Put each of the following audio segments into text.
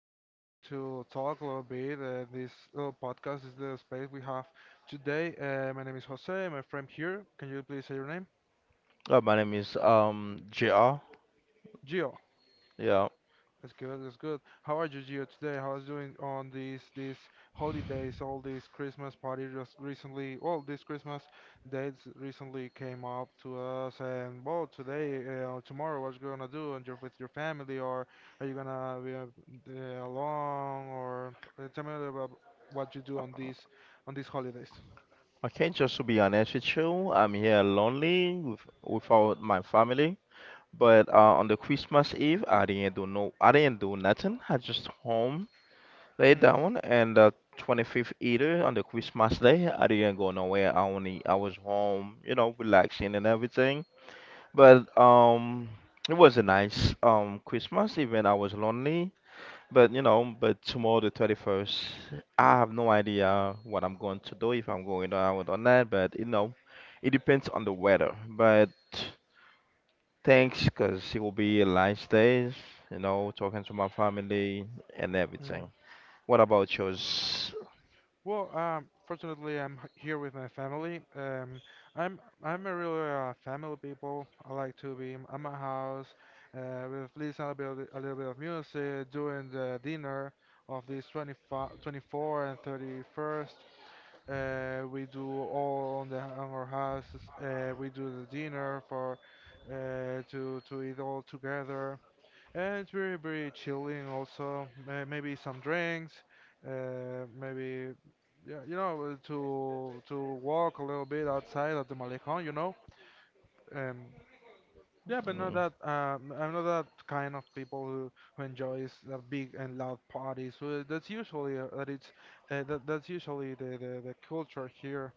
we're going to talk a little bit. This little podcast is the space we have today. My name is Jose, my friend here. Can you please say your name? My name is JR. Gio. Yeah, That's good. That's good. How are you, Gio, today? How is doing on these holidays? All these Christmas party just recently. All these Christmas dates recently came up to us, and well, today, or tomorrow, what you gonna do? And you're with your family, or are you gonna be alone? Or tell me a little about what you do on these holidays. I can't, just to be honest with you, I'm here lonely without my family. But on the Christmas Eve, I didn't do nothing. I just home, lay Mm. down, and the 25th, either on the Christmas day, I didn't go nowhere. I was home, you know, relaxing and everything. But it was a nice Christmas, even I was lonely. But you know, but tomorrow the 21st, I have no idea what I'm going to do, if I'm going out or not, but you know, it depends on the weather. But thanks, because it will be a nice day, you know, talking to my family and everything. What about yours? Well, fortunately, I'm here with my family. I'm a real family people. I like to be at my house with listening a little bit of music during the dinner of this 25, 24 and 31st. We do all on our houses. We do the dinner for to eat all together. And it's very, very chilling also. Maybe some drinks, maybe, yeah, to walk a little bit outside of the Malecón. Um, yeah, but not that. I'm not that kind of people who enjoys big and loud parties. So, that's usually that's usually the culture here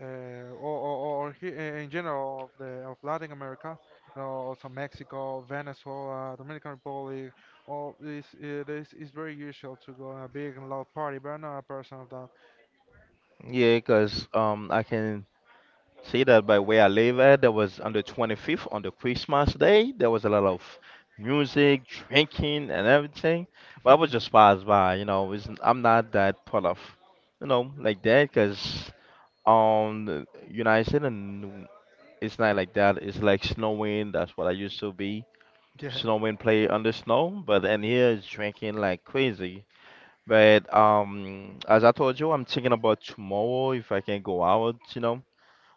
uh, or, or, in general of Latin America, also Mexico, Venezuela, Dominican Republic, all this this is very usual to go on a big and loud party, but I'm not a person of that. Yeah, because I can see that by where I live at. There was on the 25th, on the Christmas day, there was a lot of music, drinking, and everything. But I was just passed by. I'm not that part of, you know, like that, cause on the United States, and it's not like that. It's like snowing. That's what I used to be. Yeah, Snowing, play under snow. But in here, it's drinking like crazy. But as I told you, I'm thinking about tomorrow if I can go out, you know,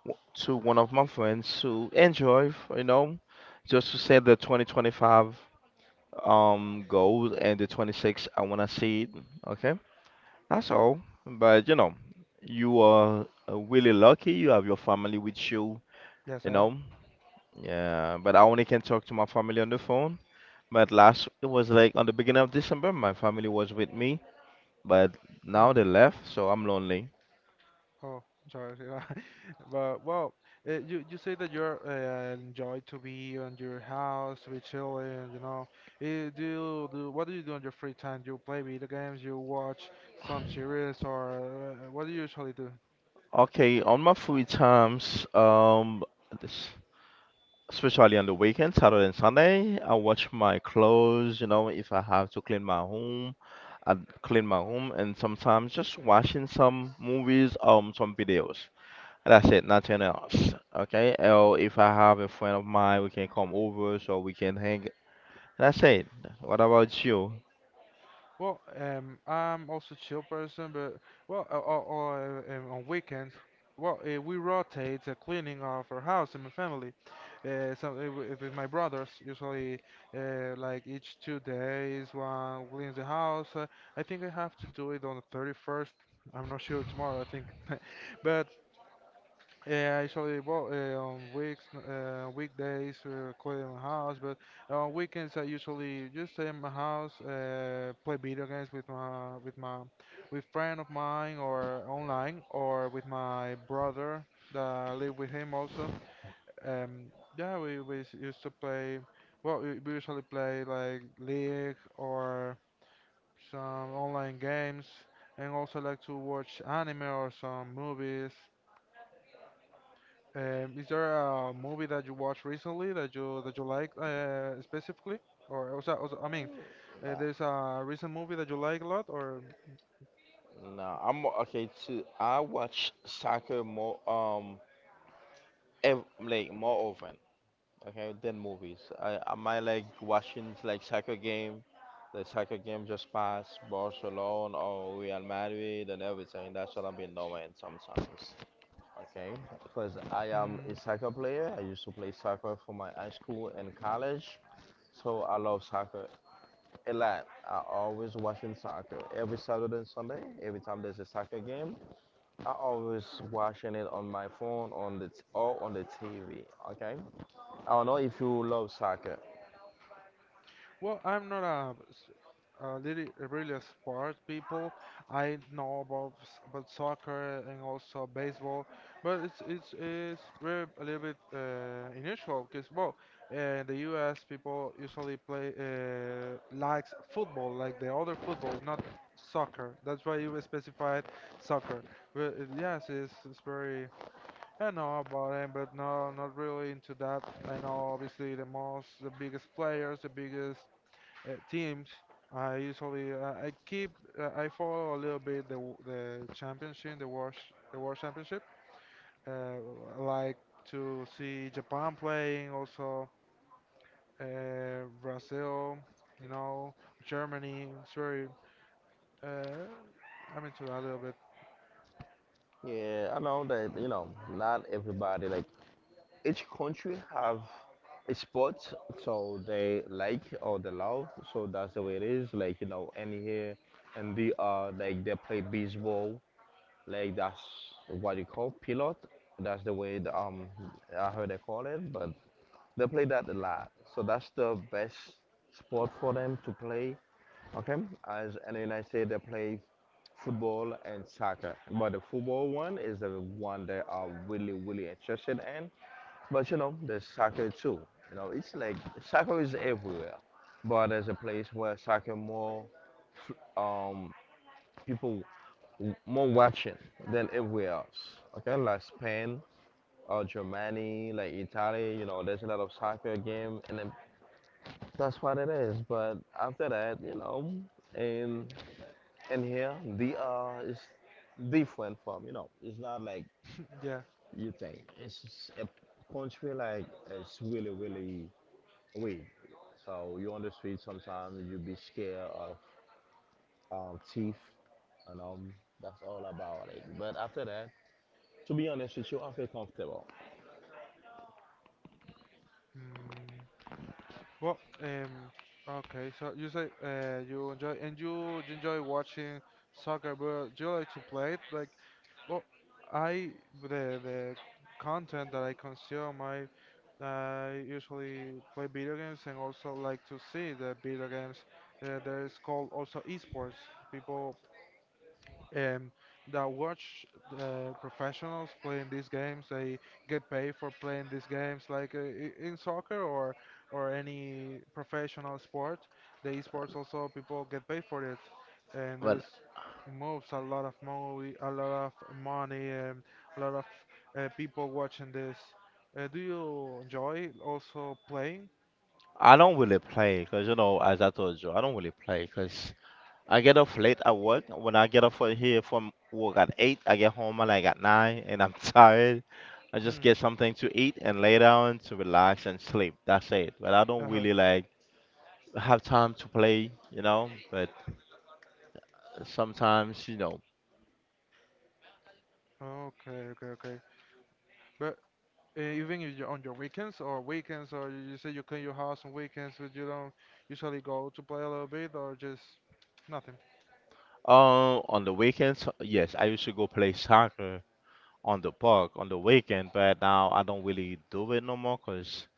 to one of my friends to enjoy, you know, just to set the 2025 goal, and the 26 I wanna see it. Okay, that's all. But you know, you are really lucky. You have your family with you. yes You I am. know, yeah. But I only can talk to my family on the phone. But last, it was like on the beginning of December, my family was with me. But now Hmm. they left, so I'm lonely. Oh, sorry. But well, you say that you're enjoy to be on your house, to be chilling. Eh, do you do what do you do on your free time? Do you play video games? You watch some series, or what do you usually do? Okay, on my free times, this, especially on the weekend, Saturday and Sunday. I wash my clothes, you know, if I have to clean my home, I clean my home, and sometimes just watching some movies, some videos. That's it, nothing else. Okay, or if I have a friend of mine, we can come over so we can hang. That's it. What about you? Well, I'm also chill person, but on weekends, we rotate the cleaning of our house and my family. So with my brothers, usually, like each 2 days, one cleans the house. I think I have to do it on the 31st. I'm not sure tomorrow, I think, but yeah, I usually on weekdays, clean my house, but on weekends I usually just stay in my house, play video games with friend of mine or online or with my brother that I live with him also. Um, yeah, we used to play. Well, we usually play like League or some online games, and also like to watch anime or some movies. Is there a movie that you watched recently that you like specifically, or also, I mean, Nah, there's a recent movie that you like a lot, or? nah. Okay too. I watch soccer more like more often. Okay, then movies. I like watching like soccer game, the soccer game just passed Barcelona or Real Madrid and everything. That's what I've been doing sometimes. Okay, because I am Mm. a soccer player. I used to play soccer for my high school and college, so I love soccer a lot. I always watching soccer every Saturday and Sunday. Every time there's a soccer game, I always watching it on my phone on the or on the TV. Okay, I don't know if you love soccer. Well, I'm not a really a sports people. I know about soccer and also baseball, but it's very a little bit unusual because well, the U.S. people usually play likes football, like the other football, not soccer. That's why you specified soccer. But yes, it's very. I know about him, but no, not really into that. I know obviously the most, the biggest players, the biggest teams, I usually I keep I follow a little bit the championship, the world championship. Uh, I like to see Japan playing, also Brazil, you know, Germany. It's very uh, I'm into that a little bit. Yeah, I know that, you know, not everybody like, each country have a sport so they like or they love, so that's the way it is. Like, you know, and here and the like they play baseball, like that's what you call pilot. That's the way I heard they call it, but they play that a lot. So that's the best sport for them to play. Okay, as, and then I say they play football and soccer, but the football one is the one they are really really interested in. But you know, there's soccer too. You know, it's like soccer is everywhere, but there's a place where soccer more um people more watching than everywhere else. Okay, like Spain or Germany, like Italy. You know, there's a lot of soccer game, and then that's what it is. But after that, you know, and in here, they are is different from, you know. It's not like Yeah. you think. It's just a country like, it's really really weird. So you on the street sometimes you be scared of thief and that's all about it. But after that, to be honest with you, I feel comfortable. Mm, well, okay. So you say you enjoy and you enjoy watching soccer, but do you like to play it? Like, well, I the content that I consume, I usually play video games and also like to see the video games. There is called also esports. People um, that watch professionals playing these games. They get paid for playing these games, like in soccer or any professional sport. The esports also people get paid for it, and Well, there's moves a lot of movie, a lot of money, and a lot of people watching this. Do you enjoy also playing? I don't really play because you know, as I told you, I don't really play because I get off late at work. When I get off for here from work at eight, I get home at like at nine, and I'm tired. I just Mm. get something to eat and lay down to relax and sleep. That's it. But I don't Uh-huh. really like have time to play, you know. But sometimes, you know, Okay, okay, okay. But even if you're on your weekends or weekends, or you say you clean your house on weekends, but you don't usually go to play a little bit or just nothing. On the weekends, yes, I used to go play soccer on the park on the weekend. But now I don't really do it no more, 'cause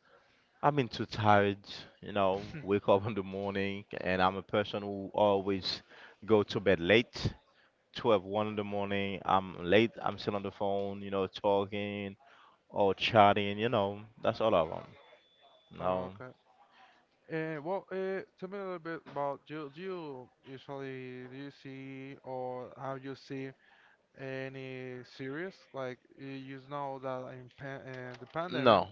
I've been too tired, you know, wake up in the morning, and I'm a person who always go to bed late, 12, one in the morning. I'm late, I'm still on the phone, you know, talking or chatting, you know, that's all I want. No, Okay. Well, tell me a little bit about you. Do you usually do you see or how you see any series? Like you know that in pan the pandemic, no.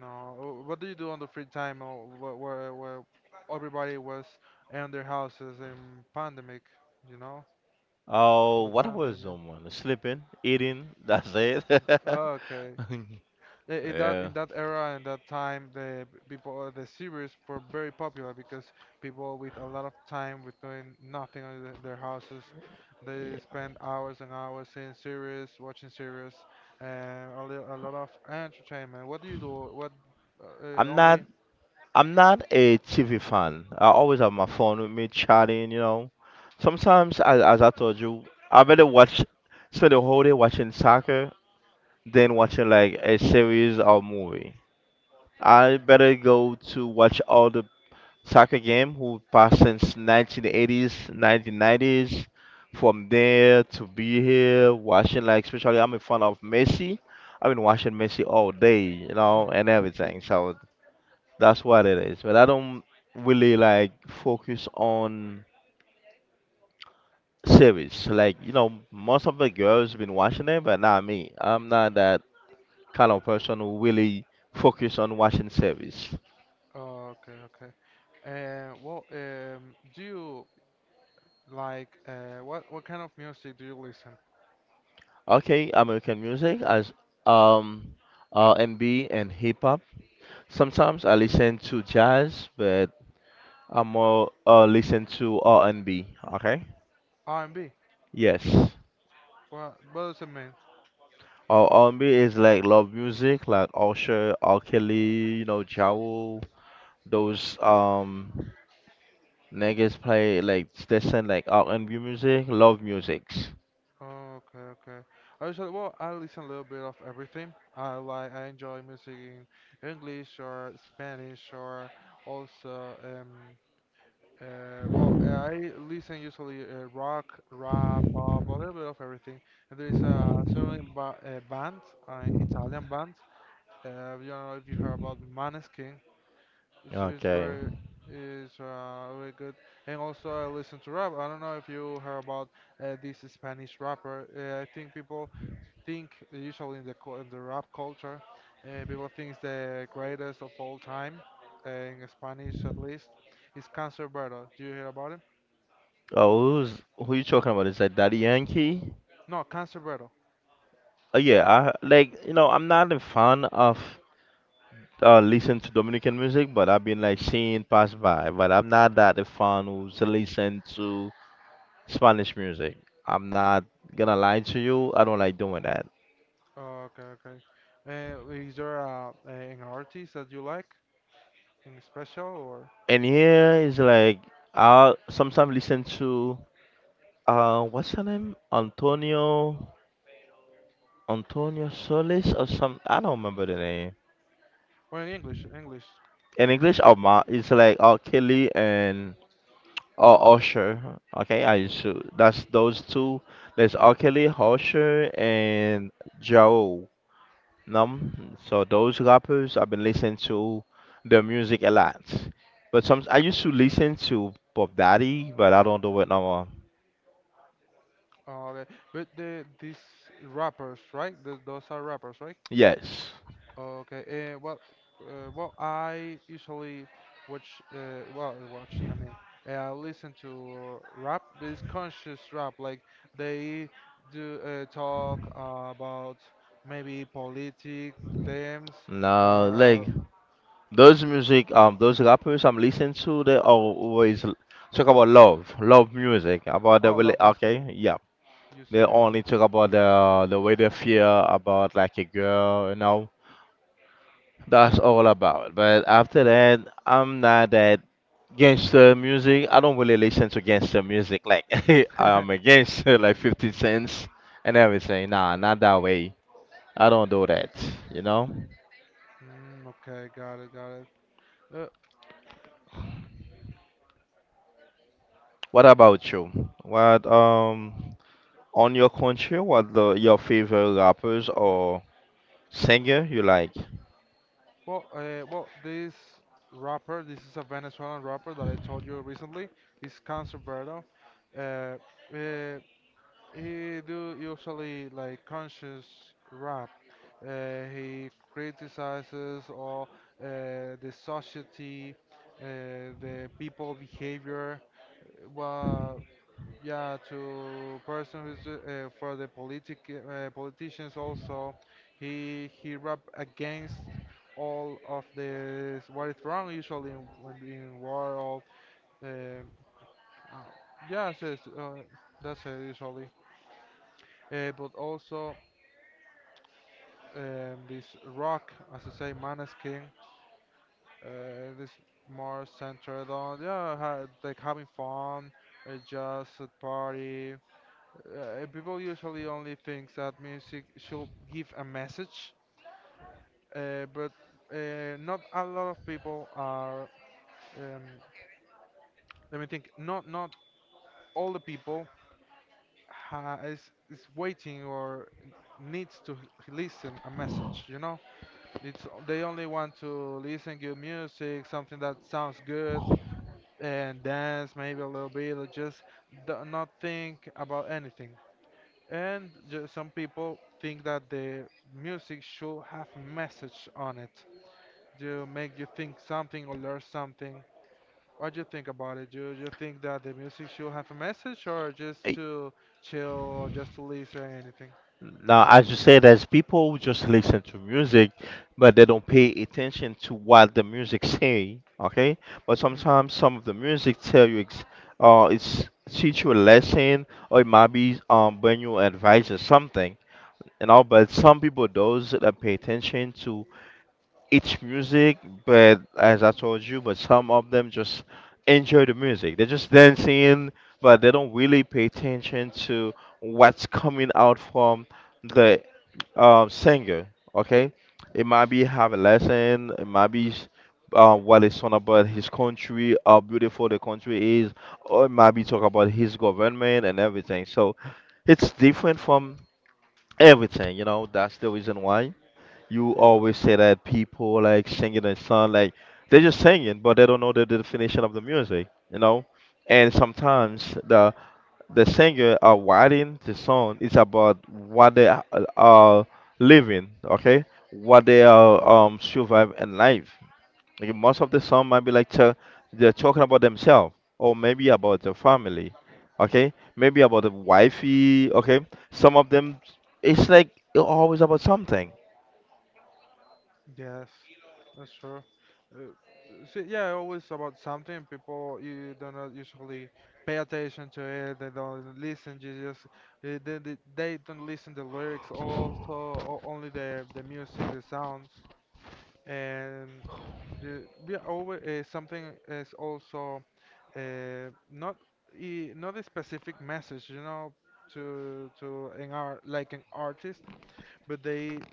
no. What do you do on the free time or where everybody was in their houses in pandemic? You know. Oh, With the what I was pandemic. doing, sleeping, eating, that's it. Oh, okay. In that Yeah. Era and that time, the p- people the series were very popular because people with a lot of time with doing nothing on their houses, they Yeah. spend hours and hours seeing series, watching series, and a lot of entertainment. What do you do? What I'm not only? I'm not a TV fan. I always have my phone with me chatting, you know. Sometimes, as I told you, I better watch, spend the whole day watching soccer than watching like a series or movie. I better go to watch all the soccer game who passed since 1980s, 1990s, from there to be here watching like, especially I'm in front of Messi. I've been watching Messi all day, you know, and Yeah. everything. So that's what it is. But I don't really like focus on series. Like, you know, most of the girls been watching it, but not me. I'm not that kind of person who really focus on watching series. Oh, okay, okay. And well, do you like what kind of music do you listen? Okay, American music, as um R&B and hip hop. Sometimes I listen to jazz, but I more listen to R&B. Okay. R&B. Yes. What does it mean? Or R&B is like love music, like Usher, R. Kelly, you know, Ja Rule, those niggas play like they send like R and B music, love musics. Okay, okay. I usually I listen a little bit of everything. I enjoy music in English or Spanish or also I listen usually rock, rap, pop, a little bit of everything. And there is a certain ba band, Italian band. You don't know if you heard about Maneskin. It's, it's Okay. very is uh, very good. And also I listen to rap. I don't know if you heard about this Spanish rapper. I think people think usually in the rap culture, people think the greatest of all time in Spanish at least is Canserbero. Do you hear about him? Oh, who's, who you talking about? Is that Daddy Yankee? No, Canserbero. Yeah, I like, you know, I'm not a fan of listening to Dominican music, but I've been like seeing pass by. But I'm not that a fan who's listen to Spanish music. I'm not gonna lie to you. I don't like doing that. Oh, okay, okay. Is there an artist that you like in special or And here is like, I sometimes listen to, what's her name? Antonio Solis or some? I don't remember the name. In English? English. In English, oh my, it's like oh Kelly and oh Usher. Okay, I should. That's those two. There's R. Kelly, Usher, and Joe Num. So those rappers I've been listening to their music a lot. But some, I used to listen to Bob Daddy, but I don't do it no more. Okay, but these rappers, right? Th those are rappers, right? Yes. Okay. Well, well, I usually watch. Well, watch. I mean, I listen to rap. But it's conscious rap. Like they do talk about maybe politic themes No, or like those music, those rappers I'm listening to, they are always talk about love, love music, about the, oh, really, love music. Yeah, okay, yeah. you They say that. only talk about the way they feel about like a girl, you know. That's Got all about. But after that, I'm not that gangster music. I don't really listen to gangster music. Like it. I'm against like 50 cents and everything. Nah, not that way. I don't do that. You know. Mm, okay, got it, got it. Uh, What about you? What? On your country, what the your favorite rappers or singer you like? Well, well, this is a Venezuelan rapper that I told you recently. It's Canserbero. Uh, uh, he do usually like conscious rap. He criticizes all the society, uh, the people behavior, what yeah, to person who's for the politicians also, he rap against all of this what is wrong usually in when in war all the uh, yeah yes, that's it usually. But also this rock, as I say, Maneskin, this more centered on yeah ha like having fun, just a party, people usually only think that music should give a message, but not a lot of people are. Um, Let me think. Not all the people ha is waiting or needs to listen a message. You know, it's they only want to listen good music, something that sounds good, and dance maybe a little bit, or just do not think about anything. And some people think that the music should have message on it to make you think something or learn something. What do you think about it? Do you think that the music should have a message or just Eh, to chill or just to listen anything? Now, as you said, there's people who just listen to music, but they don't pay attention to what the music say. Okay, but Mm, sometimes some of the music tell you, it's teach you a lesson, or it might be bring you advice or something. You know, but some people those that pay attention to it's music, but as I told you, but some of them just enjoy the music. They're just dancing, but they don't really pay attention to what's coming out from the singer. Okay, it might be have a lesson, it might be what it's on about his country, how beautiful the country is, or it might be talk about his government and everything. So it's different from everything, you know. That's the reason why you yeah. always say that people like singing a song like they're just singing but they don't know the definition of the music, you know, and sometimes the singer are writing the song, is about what they are living, okay, what they are survive in life, like most of the song might be they're talking about themselves or maybe about their family, okay, maybe about the wifey, okay, some of them, it's like always about something. Yes, that's true. Uh, so yeah, always about something. People you do not usually pay attention to it. They don't listen. You just they don't listen the lyrics. Also, only the music, the sounds, and the, yeah, always something is also not not a specific message. You know, to an artist but they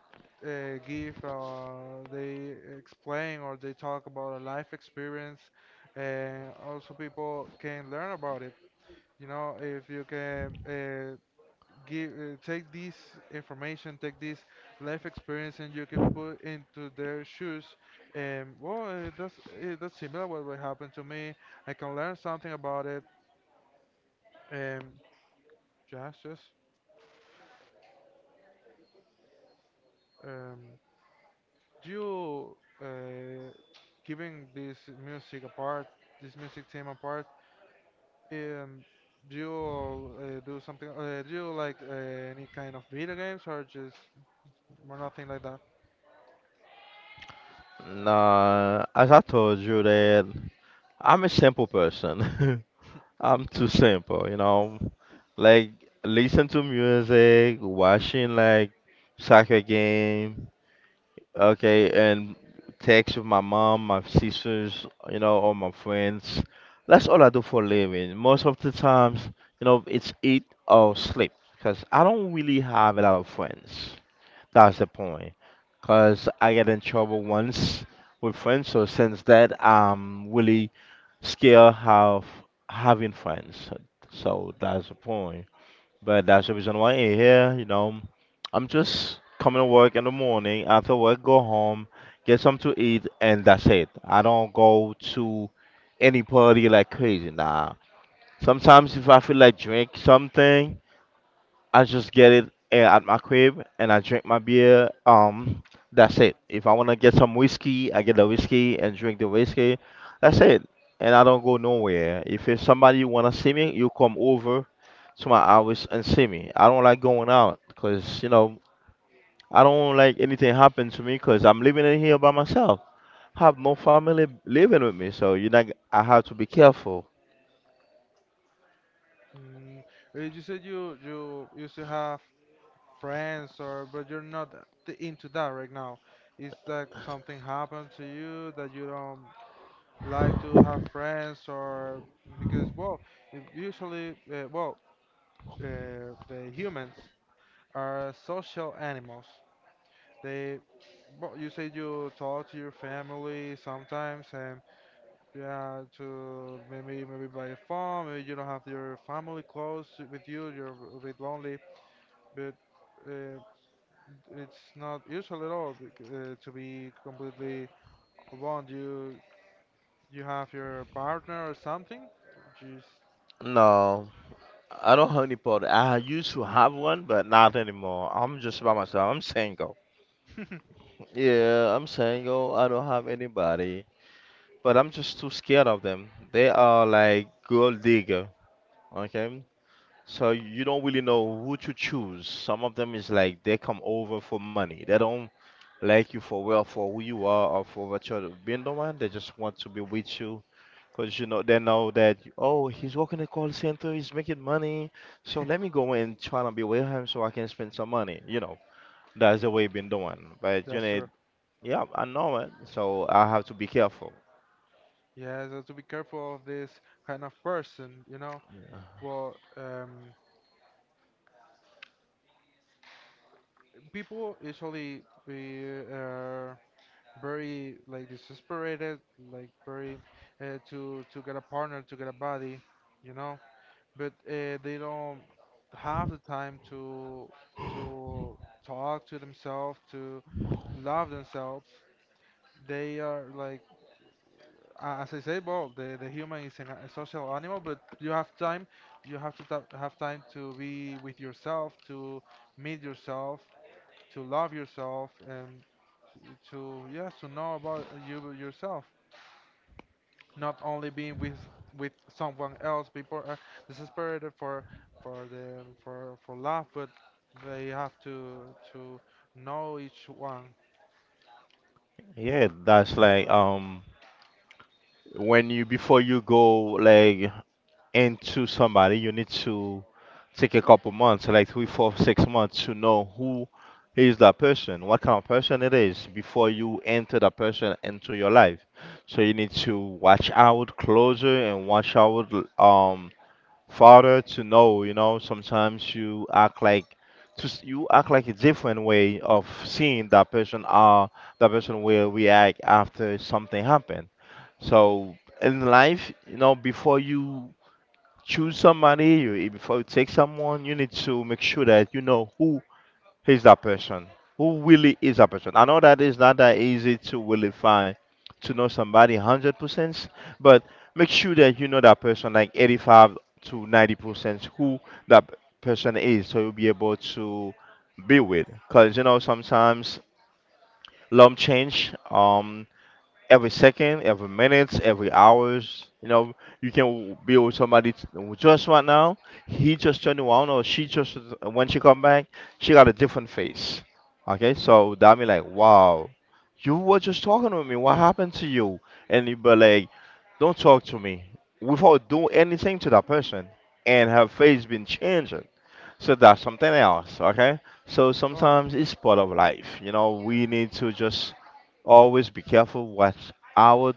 uh, give, uh, they explain or they talk about a life experience, and also people can learn about it. You know, if you can take this information, take this life experience, and you can put into their shoes, and well, that's similar what will happen to me. I can learn something about it, and just um, you uh, giving music apart, this music team apart, um, do you do something? Do you like any kind of video games or just or nothing like that? Nah, as I told you that I'm a simple person. I'm too simple, you know. Like listen to music, watching like soccer game, okay, and text with my mom, my sisters, you know, or my friends. That's all I do for a living. Most of the times, you know, it's eat or sleep because I don't really have a lot of friends. That's the point. Cause I got in trouble once with friends, so since that I'm really scared of having friends. So that's the point. But that's the reason why I'm here, you know. I'm just coming to work in the morning, after work go home, get something to eat and that's it. I don't go to any party like crazy, nah. Sometimes if I feel like drink something, I just get it at my crib and I drink my beer. That's it. If I wanna get some whiskey, I get the whiskey and drink the whiskey. That's it. And I don't go nowhere. If it's somebody wanna see me, you come over to my house and see me. I don't like going out because you know I don't like anything happen to me because I'm living in here by myself. I have no family living with me, so you know I have to be careful. Mm, you said you used to have friends or but you're not into that right now. Is that something happened to you that you don't like to have friends or because usually well the humans are social animals. They, well, you say you talk to your family sometimes, and yeah, to maybe by the phone. Maybe you don't have your family close with you. You're a bit lonely, but uh, it's not usual at all like, to be completely alone. You have your partner or something. Jeez, No. I don't have any partner. I used to have one, but not anymore. I'm just by myself. I'm single. Yeah, I'm single. I don't have anybody, but I'm just too scared of them. They are like gold digger. Okay, so you don't really know who to choose. Some of them is like they come over for money. They don't like you for well for who you are or for what you're being the one. They just want to be with you. Because you know they know that oh he's working a call center, he's making money, so let me go and try to be with him so I can spend some money. You know that's the way we've been doing. But you that's know, true. yeah, I know it, so I have to be careful. Yeah, so to be careful of this kind of person, you know. Well, um. People usually be uh, very like desperate, like very to get a partner, to get a body, you know. But they don't have the time to to talk to themselves, to love themselves. They are like, as I say, well, the human is a social animal, but you have time, you have to have time to be with yourself, to meet yourself, to love yourself, and to yes to know about you yourself, not only being with with someone else. People are desperate for the for love, but they have to to know each one. Yeah, that's like when you before you go like into somebody, you need to take a couple months, like three, four, 6 months, to know who is that person, what kind of person it is, before you enter that person into your life. So you need to watch out closer and watch out um farther to know. You know, sometimes you act like you act like a different way of seeing that person. That person will react after something happened. So in life, you know, before you choose somebody you, before you take someone you need to make sure that you know who is that person, who really is that person. I know that it's not that easy to really find to know somebody 100%, but make sure that you know that person like 85 to 90%, who that person is, so you'll be able to be with. Because you know sometimes love change every second, every minutes, every hours. You know, you can be with somebody just right now. He just turned around, or she just when she come back, she got a different face. Okay, so that me like, wow, you were just talking with me. What happened to you? And you be like, don't talk to me without doing anything to that person, and her face been changing. So that's something else, okay? So Oh, sometimes it's part of life. You know, we need to just always be careful what our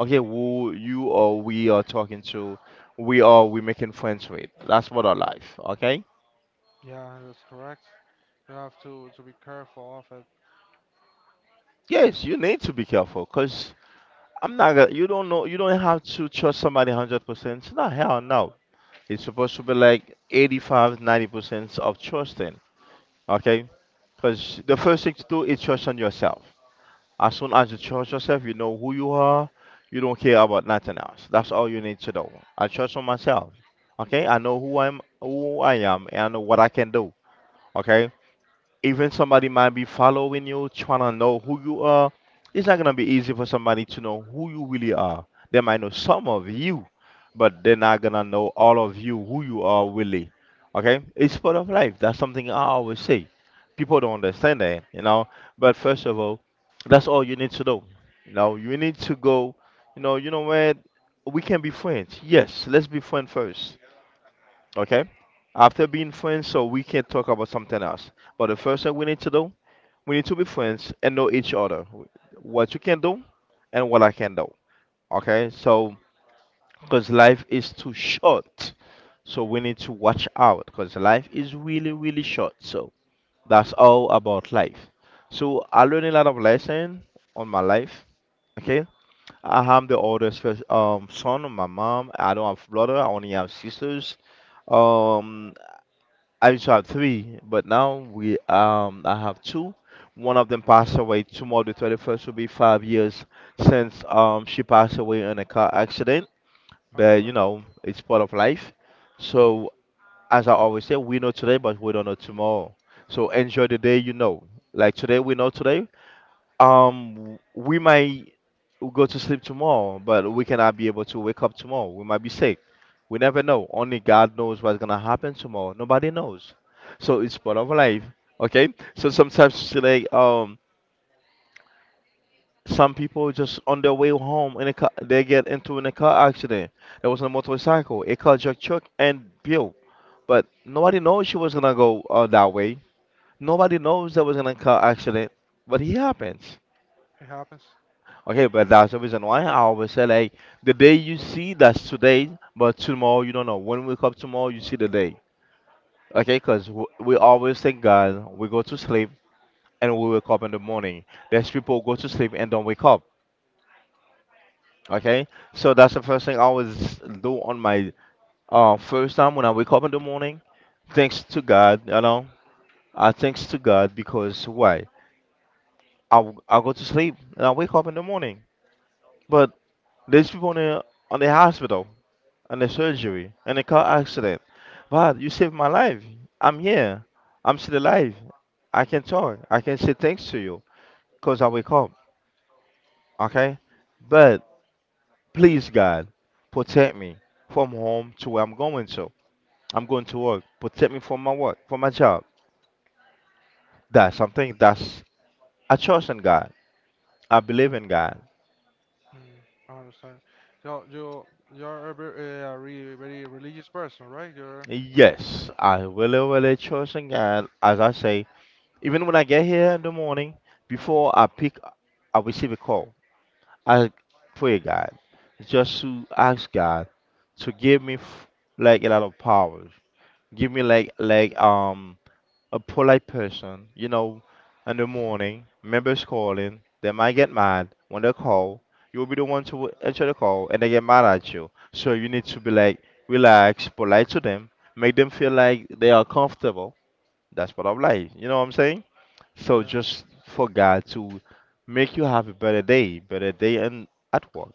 okay, who you or we are talking to, we are we making friends with. That's part of life, okay? yeah, that's correct. You have to be careful of it. Yes, you need to be careful, cause I'm not gonna. You don't know. You don't have to trust somebody 100 percent. No, hell no. It's supposed to be like 85, ninety 90% of trusting, okay? Because the first thing to do is trust on yourself. As soon as you trust yourself, you know who you are. You don't care about nothing else. That's all you need to know. I trust on myself. Okay, I know who I'm, who I am, and I know what I can do. Okay, even somebody might be following you, trying to know who you are, it's not gonna be easy for somebody to know who you really are. They might know some of you, but they're not gonna know all of you, who you are really. Okay? It's part of life. That's something I always say. People don't understand that, you know. But first of all, that's all you need to know. You know, you need to go, you know what? We can be friends. Yes, let's be friends first. Okay. After being friends, so we can talk about something else. But the first thing we need to do, we need to be friends and know each other. What you can do and what I can do. Okay. So, because life is too short. So we need to watch out because life is really, really short. So that's all about life. So I learned a lot of lessons on my life. Okay. I am the oldest first, son of my mom. I don't have brother. I only have sisters. Um, I used to have three, but now we I have two. One of them passed away tomorrow, the 31st, will be 5 years since she passed away in a car accident. I'm But you sorry. know, it's part of life. So as I always say, we know today, but we don't know tomorrow. So enjoy the day you know. Like today, we know today. Um, we might go to sleep tomorrow, but we cannot be able to wake up tomorrow. We might be sick. We never know. Only God knows what's gonna happen tomorrow. Nobody knows. So it's part of life. Okay. So sometimes it's like some people just on their way home in a car, they get into in a car accident. There was a motorcycle. It caused just shook and broke. But nobody knows she was gonna go that way. Nobody knows there was gonna car accident. But it happens. It happens. Okay, but that's the reason why I always say like the day you see that's today, but tomorrow you don't know. When we wake up tomorrow, you see the day. Okay, because we always thank God. We go to sleep and we wake up in the morning. There's people who go to sleep and don't wake up. Okay, so that's the first thing I always do on my first time when I wake up in the morning. Thanks to God, you know. I thanks to God because why? I go to sleep and I wake up in the morning. But there's people on the hospital and a surgery and a car accident. But you saved my life. I'm here. I'm still alive. I can talk. I can say thanks to you because I wake up. Okay? But please, God, protect me from home to where I'm going to. I'm going to work. Protect me from my work, from my job. That's something that's I trust in God. I believe in God. mm, I understand. So you you're a very, very religious person, right? You're Yes, I really, really trust in God. As I say, even when I get here in the morning, before I pick, I receive a call I pray God, just to ask God to give me like a lot of powers. Give me like a polite person, you know, in the morning, members calling, they might get mad when they call. You'll be the one to answer the call and they get mad at you. So you need to be like relaxed, polite to them, make them feel like they are comfortable. That's part of life. You know what I'm saying? So yeah. just for God to make you have a better day and at work.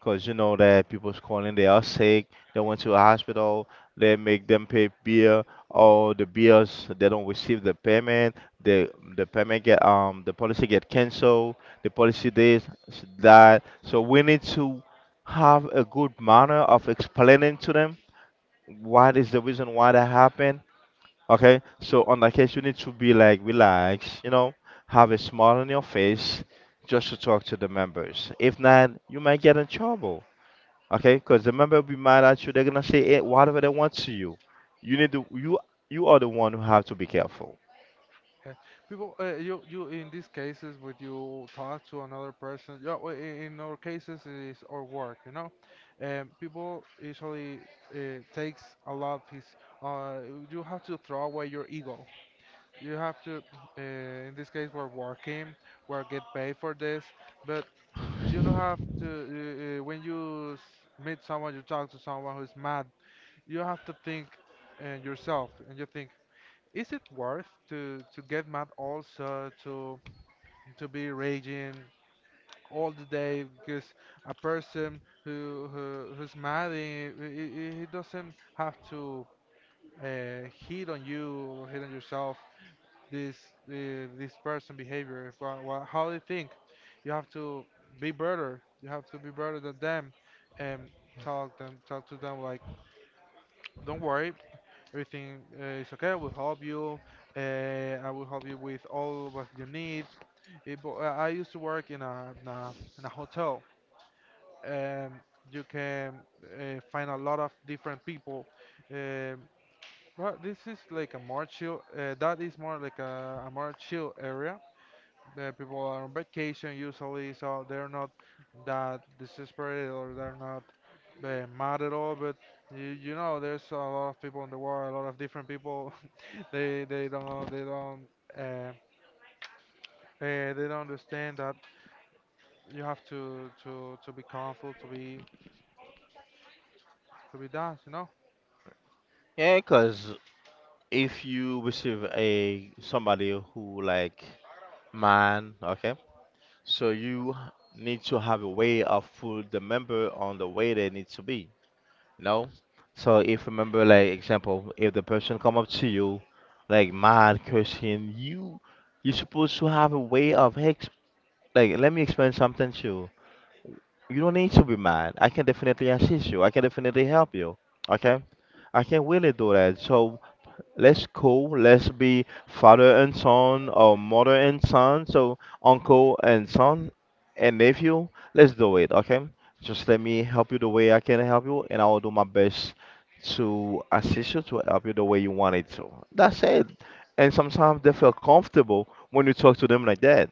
Cause you know that people's calling, they are sick, they went to a hospital, they make them pay bill, or the bills they don't receive the payment, the payment get the policy get canceled, the policy that. So we need to have a good manner of explaining to them what is the reason why that happened. Okay, so on that case you need to be like relaxed, you know, have a smile on your face just to talk to the members. If not, you might get in trouble. Okay, because the member be mad at you. They're gonna say eh, whatever they want to you. You need to you you are the one who have to be careful. Okay. People, you you in these cases, would you talk to another person? Yeah, well, in our cases, it is our work, you know. People usually takes a lot of his. Uh, you have to throw away your ego. You have to. In this case, we're working. We're get paid for this, but you don't have to. When you meet someone, you talk to someone who's mad. You have to think yourself, and you think. Is it worth to get mad also to be raging all the day, because a person who's mad, he doesn't have to hit on you, hit on yourself. this this person behavior, if, how they think, you have to be better. You have to be better than them, and talk to them like, don't worry. Everything is okay. I will help you. I will help you with all what you need. It, but I used to work in in a hotel. Um, you can find a lot of different people. Um, well, this is like a more chill. That is more like a more chill area. The people are on vacation usually, so they're not that desperate or they're not mad at all. But you know, there's a lot of people in the world, a lot of different people. They they don't they don't uh, uh, they don't understand that you have to be careful, to be that, you know. Yeah, because if you receive a somebody who like man, okay, so you need to have a way of put the member on the way they need to be, you know. So if remember, like example, if the person come up to you, like mad cursing you, you supposed to have a way of like let me explain something to you. You don't need to be mad. I can definitely assist you. I can definitely help you. Okay? Yeah. I can really do that. So let's cool. Let's be father and son or mother and son. So uncle and son and nephew. Let's do it. Okay? Just let me help you the way I can help you, and I will do my best to assist you to help you the way you want it to. That's it. And sometimes they feel comfortable when you talk to them like that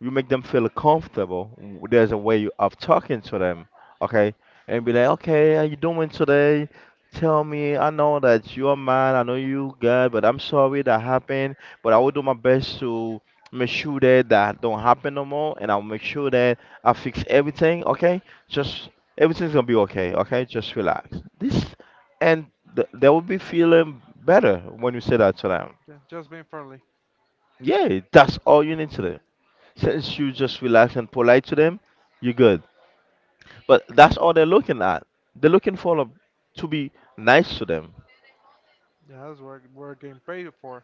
you make them feel comfortable. There's a way of talking to them, okay? And be like, okay, how you doing today? Tell me, I know that you are mad, I know you God, but I'm sorry that happened. But I will do my best to make sure that that don't happen no more, and I'll make sure that I fix everything, okay? Just everything's gonna be okay, okay? Just relax. And they will be feeling better when you say that to them. Yeah, just being friendly. Yeah, that's all you need to do. Since you just relax and polite to them, you're good. But that's all they're looking at. They're looking to be nice to them. Yeah, that's what we're getting paid for,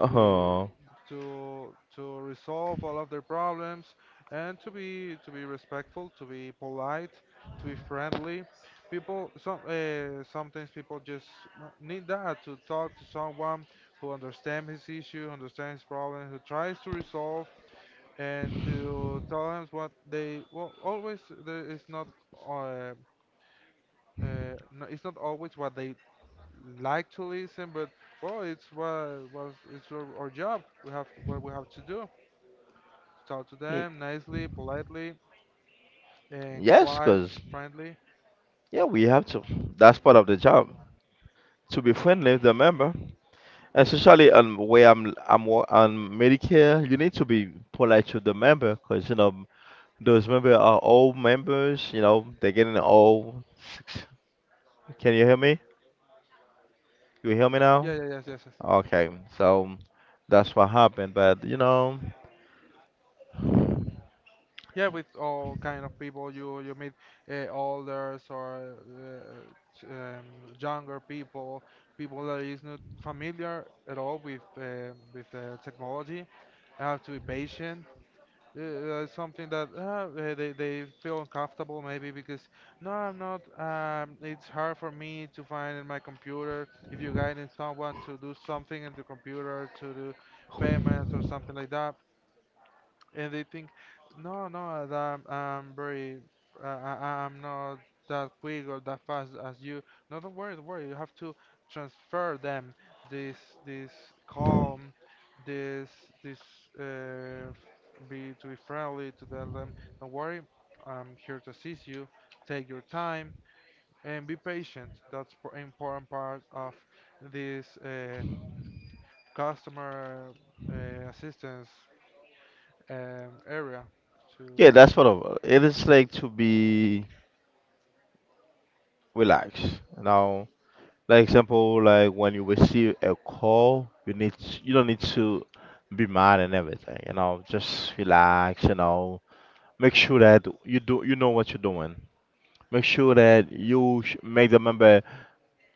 to be to resolve all of their problems, and to be respectful, to be polite, to be friendly. People, some sometimes people just need that to talk to someone who understands his issue, understands his problem, who tries to resolve and to tell them what they well always there is not uh, no, it's not always what they like to listen, but well it's what was it's our job. We have to, what we have to do, talk to y- them nicely, politely and yes, quiet, cause friendly. yeah, we have to. That's part of the job to be friendly with the member, especially on where I'm on Medicare. You need to be polite to the member, cause you know those members are old members. You know they're getting old. Can you hear me? You hear me now? Yeah, yeah, yes, yes, yes. Okay, so that's what happened. But you know. Yeah, with all kind of people you you meet, elders or t- um, younger people, people that is not familiar at all with technology. I have to be patient. Something that they feel uncomfortable maybe because no, I'm not. It's hard for me to find in my computer if you're guiding someone to do something in the computer to do payments or something like that, and they think, no, no, that I'm very, I'm not that quick or that fast as you. No, don't worry, don't worry. You have to transfer them this this calm, this this uh, be to be friendly to tell them. Don't worry, I'm here to assist you. Take your time and be patient. That's an important part of this customer assistance area to. Yeah, that's what is like to be relaxed. Now, like example, like when you receive a call, you don't need to be mad and everything. You know, just relax. You know, make sure that you know what you're doing. Make sure that make the member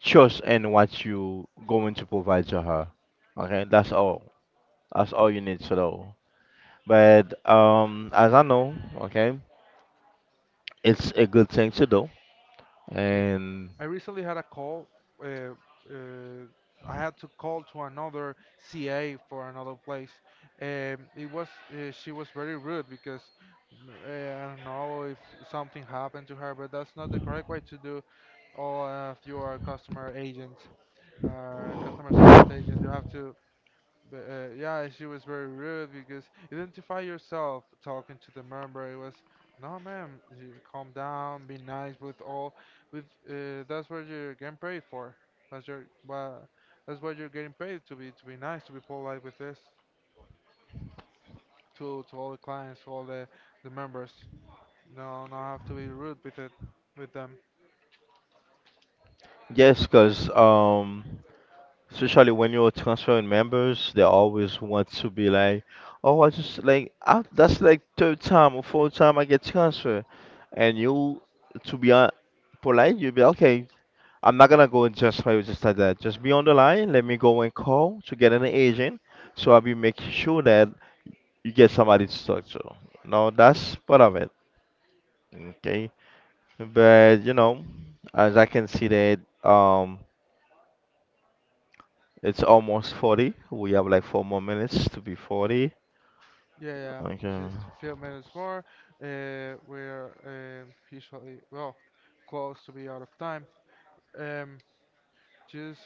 trust in what you going to provide to her. Okay, that's all. That's all you need to know. But as I know, okay, it's a good thing to do Yeah, and. I recently had a call. Uh, uh, I had to call to another CA for another place. It was she was very rude because I don't know if something happened to her, but that's not the correct way to do. Or if you are a customer agent, customer service agent, you have to but yeah, she was very rude because identify yourself talking to the member. It was no, ma'am. You calm down. Be nice with all. With that's what you're getting paid for. That's your well, that's what you're getting paid to be nice, to be polite with this, to all the clients, to all the members. No, not have to be rude with it with them. Yes, because especially when you're transferring members, they always want to be like, "Oh, I just like I, that's like third time or fourth time I get transferred," and you, to be polite, you be okay. I'm not gonna go and transfer you just like that. Just be on the line. Let me go and call to get an agent, so I'll be making sure that you get somebody to talk to. No, that's part of it. Okay, but you know, as I can see that um. It's almost 40. We have like 4 more minutes to be 40. Yeah, yeah. Okay. Just a few minutes more. We're usually well close to be out of time. Um, Just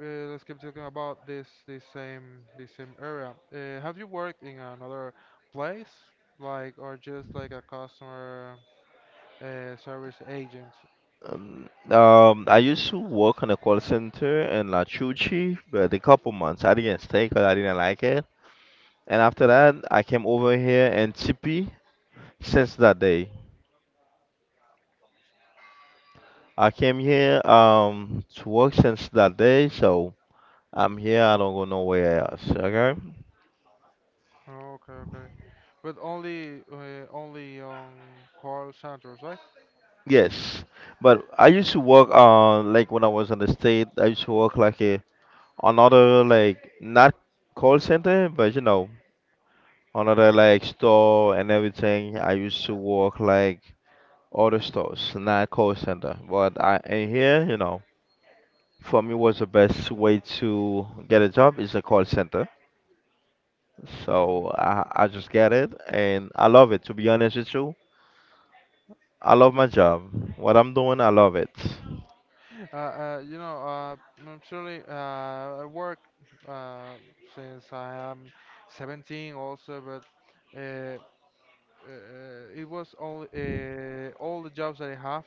let's keep talking about this same area. Have you worked in another place, like or just like a customer service agent? I used to work in a call center in La Chuchi, but a couple months. I didn't stay because I didn't like it. And after that, I came over here in Tipi since that day. I came here to work since that day, so I'm here. I don't go nowhere else. Okay. Oh, okay, okay. But only only on call centers, right? Yes, but I used to work on like when I was in the state. I used to work like a another like not call center but you know another like store and everything I used to work like other stores not call center but I in here you know for me was the best way to get a job is a call center so Mm. i, I just get it and I love it to be honest with you I love my job what I'm doing I love it You know, I'm surely I work uh, since I am 17 also, but uh, uh, it was all the jobs that I have,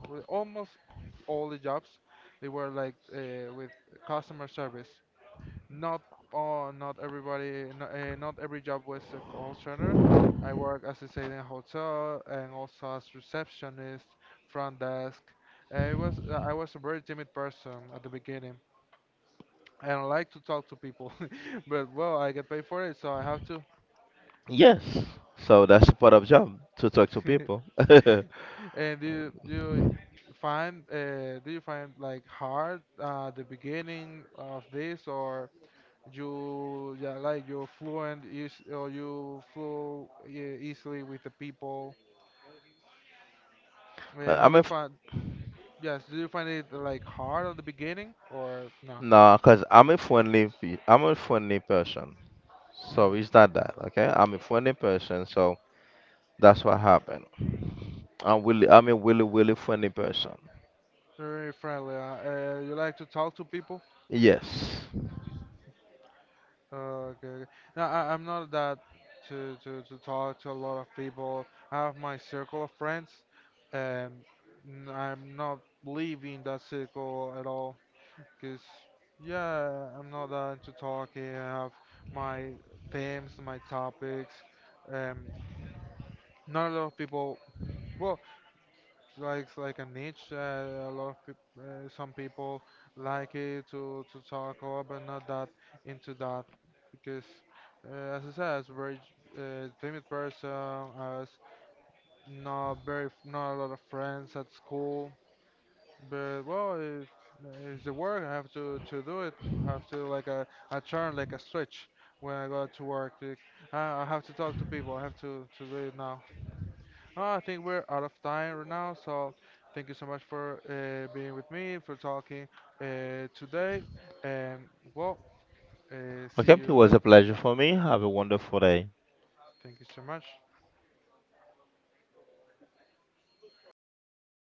almost all the jobs, they were like with customer service. Not all, not everybody, not, not every job was a call center. I work as I said in a hotel and also as receptionist, front desk. It was I was a very timid person at the beginning. I don't like to talk to people, but well, I get paid for it, so I have to. yes so that's the part of job to talk to people And do you find like hard the beginning of this, or you yeah like you're fluent or you flow yeah, easily with the people? How I do you mean find yes? Do you find it like hard at the beginning or no? No, cause I'm a friendly person. So Mm, it's not that, okay? I'm a friendly person, so that's what happened. I'm a really, really friendly person. you're very friendly. You like to talk to people? Yes. Okay, okay. No, I'm not that to talk to a lot of people. I have my circle of friends, and I'm not leaving that circle at all. Cause yeah, I'm not that into talking. I have my themes, my topics. Um, not a lot of people. Well, it's like a niche. A lot of peop- Some people like it to talk about, but not that into that because, as I said, as a very timid person, I was not very not a lot of friends at school. But well, if it's the work, I have to do it. I have to like a I turn like a switch when I go to work. Like, I have to talk to people. I have to do it now. I think we're out of time right now, so thank you so much for being with me, for talking today. And well, see Okay, it you was later. a pleasure for me. Have a wonderful day. Thank you so much.